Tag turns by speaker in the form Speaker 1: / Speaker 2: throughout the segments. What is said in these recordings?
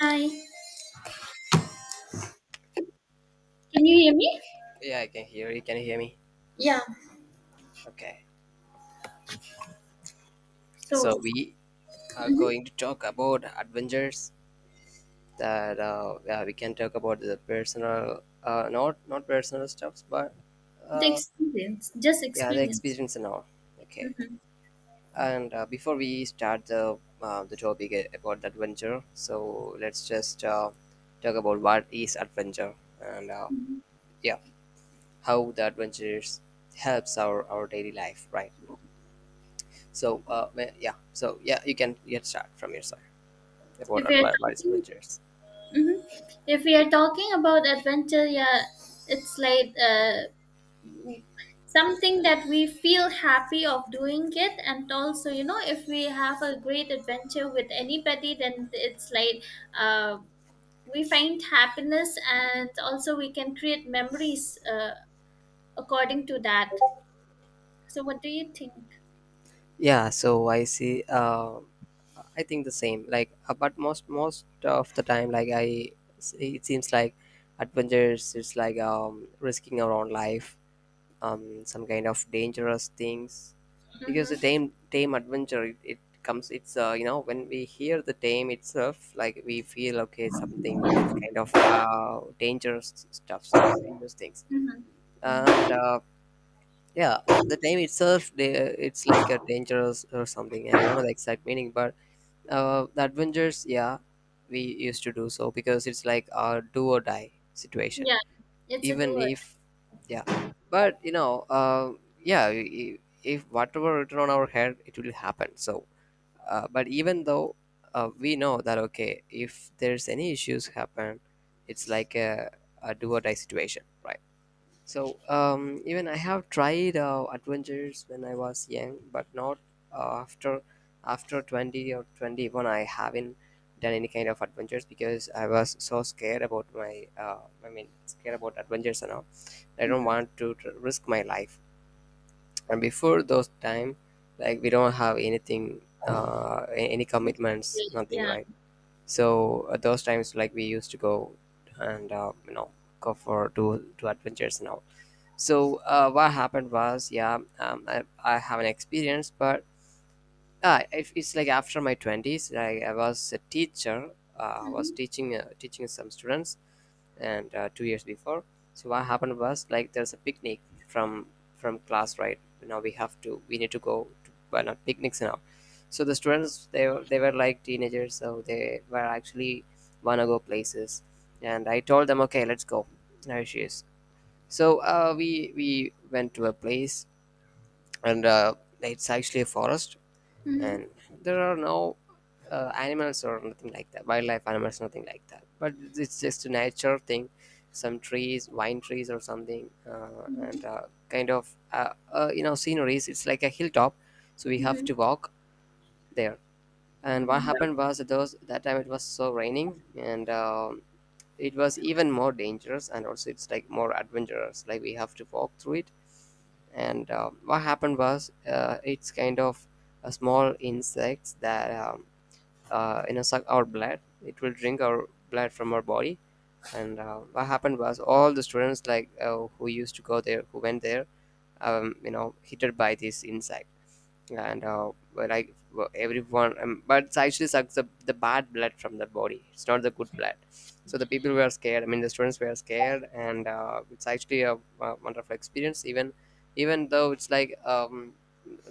Speaker 1: Hi. Can you hear me?
Speaker 2: Yeah, I can hear you. Can you hear me?
Speaker 1: Yeah.
Speaker 2: Okay.
Speaker 1: So.
Speaker 2: So we are
Speaker 1: Mhm.
Speaker 2: going to talk about adventures that yeah, we can talk about the personal, not personal stuffs, but
Speaker 1: The
Speaker 2: uh,
Speaker 1: experience, just
Speaker 2: yeah, the
Speaker 1: experience.
Speaker 2: experience and all. Okay.
Speaker 1: Mhm.
Speaker 2: And before we start the the topic about the adventure, so let's just talk about what is adventure and yeah, how the adventures helps our daily life, right? So uh, yeah, so you can get start from your side. About
Speaker 1: If we are
Speaker 2: advice
Speaker 1: talking,
Speaker 2: ventures.
Speaker 1: if we are talking about adventure, yeah, it's like something that we feel happy of doing it, and also, you know, if we have a great adventure with anybody, then it's like uh, we find happiness, and also we can create memories according to that. So, what do you think?
Speaker 2: Yeah, so I see. I think the same. Like, but most of the time, it seems like adventures is like risking our own life, some kind of dangerous things, because the
Speaker 1: Mm-hmm.
Speaker 2: tame adventure it comes. It's you know when we hear the tame itself, like we feel okay something kind of dangerous stuffs, right? Dangerous things,
Speaker 1: Mm-hmm. Mm-hmm.
Speaker 2: and yeah, the name itself, it's like a dangerous or something. I don't know the exact meaning, but the adventures, yeah, we used to do so because it's like a do or die situation.
Speaker 1: Yeah, it's a do
Speaker 2: Even
Speaker 1: or
Speaker 2: if, yeah, but you know, if whatever written on our head, it will happen. So, but even though we know that okay, if there's any issues happen, it's like a do or die situation, right? Even I have tried adventures when I was young, but not uh, after after 20 or 21. I haven't done any kind of adventures because I was so scared about my. I mean, scared about adventures and all. I
Speaker 1: die.
Speaker 2: don't
Speaker 1: Mhm.
Speaker 2: want to risk my life. And before those time, like we don't have anything, any commitments, nothing,
Speaker 1: Yeah.
Speaker 2: right? So at those times, like we used to go and you know go for to adventures now. What happened was, yeah, I have an experience, but if it's like after my twenties, like I was a teacher, I was
Speaker 1: Mm-hmm.
Speaker 2: teaching some students, and 2 years before. So what happened was like there's a picnic from from class, right? Now we need to go to well, not picnics now. So the students they were like teenagers, so they were actually wanna go places, and I told them, okay, let's go. There she is. So we went to a place, and it's actually a forest,
Speaker 1: Mm-hmm.
Speaker 2: and there are no animals or nothing like that, wildlife animals, nothing like that. But it's just a nature thing, some trees, vine trees or something, and kind of you know sceneries. It's like a hilltop, so we have
Speaker 1: Mm-hmm.
Speaker 2: to walk there. And what
Speaker 1: Mm-hmm.
Speaker 2: happened was those that time it was so raining, and it was even more dangerous, and also it's like more adventurous like we have to walk through it. And what happened was it's kind of a small insects that you know suck our blood, it will drink our blood from our body. And what happened was all the students like who used to go there, who went there, you know hit by this insect. And like well, everyone but it actually sucks the bad blood from the body, it's not the good blood. So the people were scared, I mean the students were scared. And it's actually a wonderful experience. Even even though it's like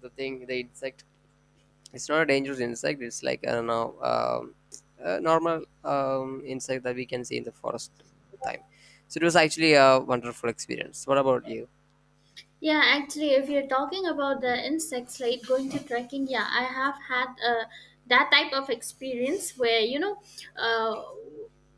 Speaker 2: the thing the insect, it's not a dangerous insect, it's like I don't know, a normal insect that we can see in the forest time. So it was actually a wonderful experience. What about you?
Speaker 1: Yeah, actually, if you're talking about the insects, like going to trekking, yeah, I have had that type of experience where, uh,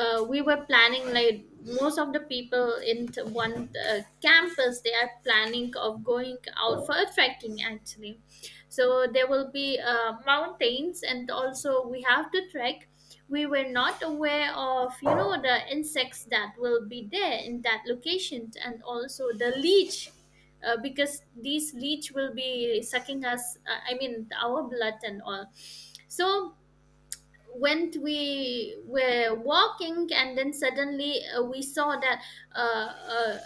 Speaker 1: we were planning, like, most of the people in one campus, they are planning of going out for a trekking, actually. So there will be mountains, and also we have to trek. We were not aware of, you know, the insects that will be there in that location, and also the leech, because these leech will be sucking us, I mean, our blood and all. So when we were walking, and then suddenly we saw that, uh, uh,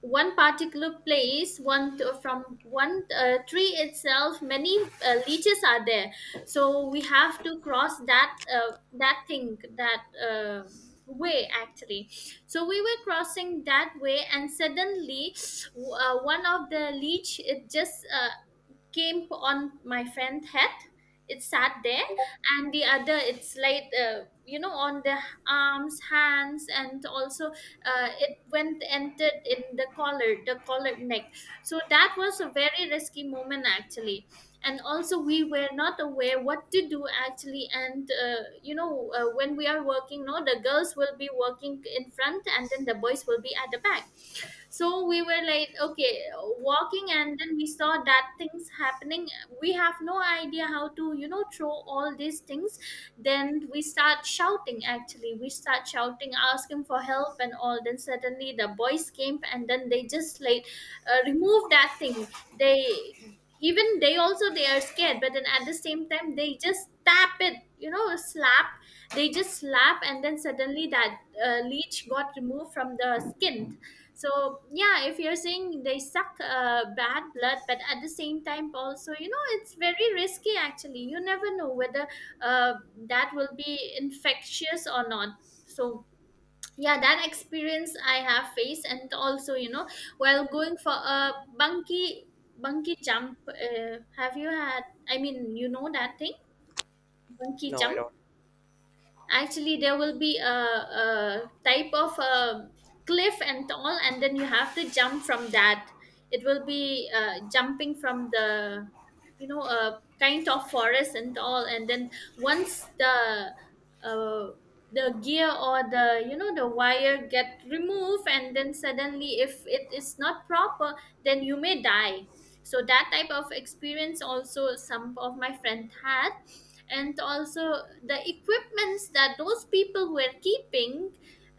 Speaker 1: one particular place, from one tree itself many leeches are there. So we have to cross that, that thing, that way, actually. So we were crossing that way and suddenly, one of the leech, it just came on my friend's head. It sat there, and the other, it's like, on the arms, hands, and also it went entered in the collar neck. So that was a very risky moment, actually, and also we were not aware what to do, actually. And when we are working, no, the girls will be working in front, and then the boys will be at the back. So we were like, okay, walking, and then we saw that things happening. We have no idea how to, throw all these things. Then we start shouting, actually, we start shouting asking for help and all. Then suddenly the boys came, and then they just like remove that thing. They, even they also, they are scared, but then at the same time they just tap it, slap. They just slap, and then suddenly that leech got removed from the skin. So yeah, if you're saying they suck bad blood, but at the same time also, it's very risky, actually. You never know whether uh, that will be infectious or not. So yeah, that experience I have faced. And also, while going for a bunky bunky jump, have you had, I mean, you know that thing, bunky
Speaker 2: No, I
Speaker 1: jump?
Speaker 2: don't.
Speaker 1: Actually, there will be a type of a cliff and all, and then you have to jump from that. It will be jumping from the, you know, a kind of forest and all. And then once the uh, the gear, or the you know the wire get removed, and then suddenly if it is not proper, then you may die. So that type of experience also some of my friend had. And also the equipments that those people were keeping,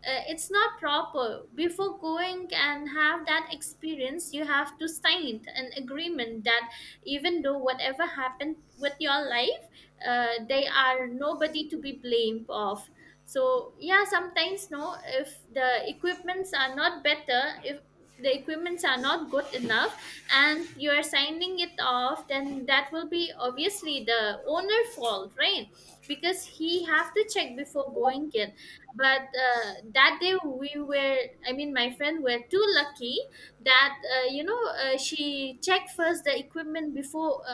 Speaker 1: it's not proper. Before going and have that experience, you have to sign an agreement that even though whatever happened with your life, they are nobody to be blamed of. So yeah, sometimes, no, if the equipments are not better, if the equipments are not good enough and you are signing it off, then that will be obviously the owner fault, right? Because he have to check before going it. But that day we were, I mean, my friend were too lucky that she checked first the equipment before uh,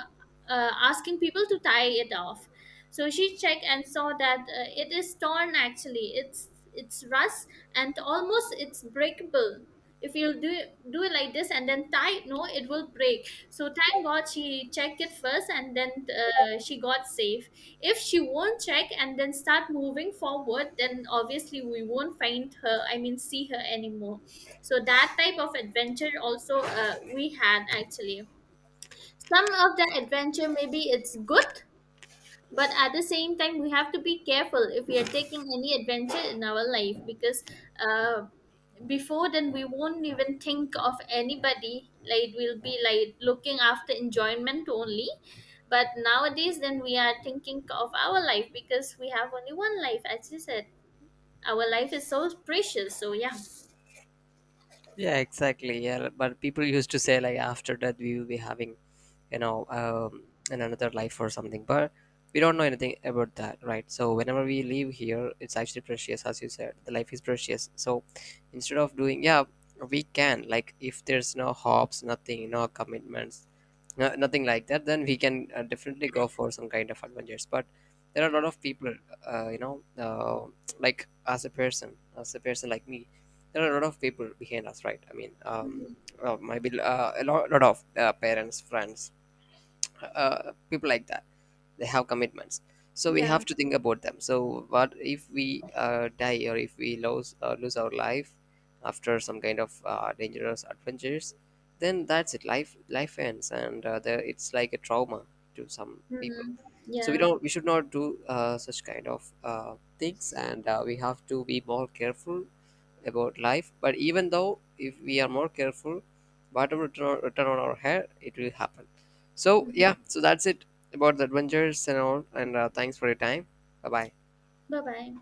Speaker 1: uh, asking people to tie it off. So she checked and saw that it is torn, actually. It's rust, and almost it's breakable. If you do it like this and then tie it, no, it will break. So thank god she checked it first, and then she got safe. If she won't check and then start moving forward, then obviously we won't find her, I mean, see her anymore. So that type of adventure also we had, actually. Some of the adventure maybe it's good, but at the same time we have to be careful if we are taking any adventure in our life. Because uh, before then we won't even think of anybody, like we'll be like looking after enjoyment only. But nowadays then we are thinking of our life, because we have only one life, as you said. Our life is so precious, so yeah.
Speaker 2: Yeah, exactly. Yeah, but people used to say like after death we will be having you know in another life or something, but we don't know anything about that, right? So whenever we leave here, it's actually precious. As you said, the life is precious. So instead of doing, yeah, we can like if there's no hopes, nothing, no commitments, no, nothing like that, then we can definitely go for some kind of adventures. But there are a lot of people, uh, you know uh, like as a person like me, there are a lot of people behind us, right? I mean
Speaker 1: Mhm.
Speaker 2: well, maybe lot of parents, friends, people like that, they have commitments. So we
Speaker 1: Yeah.
Speaker 2: have to think about them. So what if we die or if we lose our life after some kind of dangerous adventures, then that's it. Life ends. And it's like a trauma to some people.
Speaker 1: Mhm.
Speaker 2: So we
Speaker 1: Yeah.
Speaker 2: don't, we should not do such kind of things. And we have to be more careful about life. But even though if we are more careful, whatever turn on our hair, it will happen. So yeah, so that's it about the adventures and all. And thanks for your time. Bye bye.
Speaker 1: Bye bye.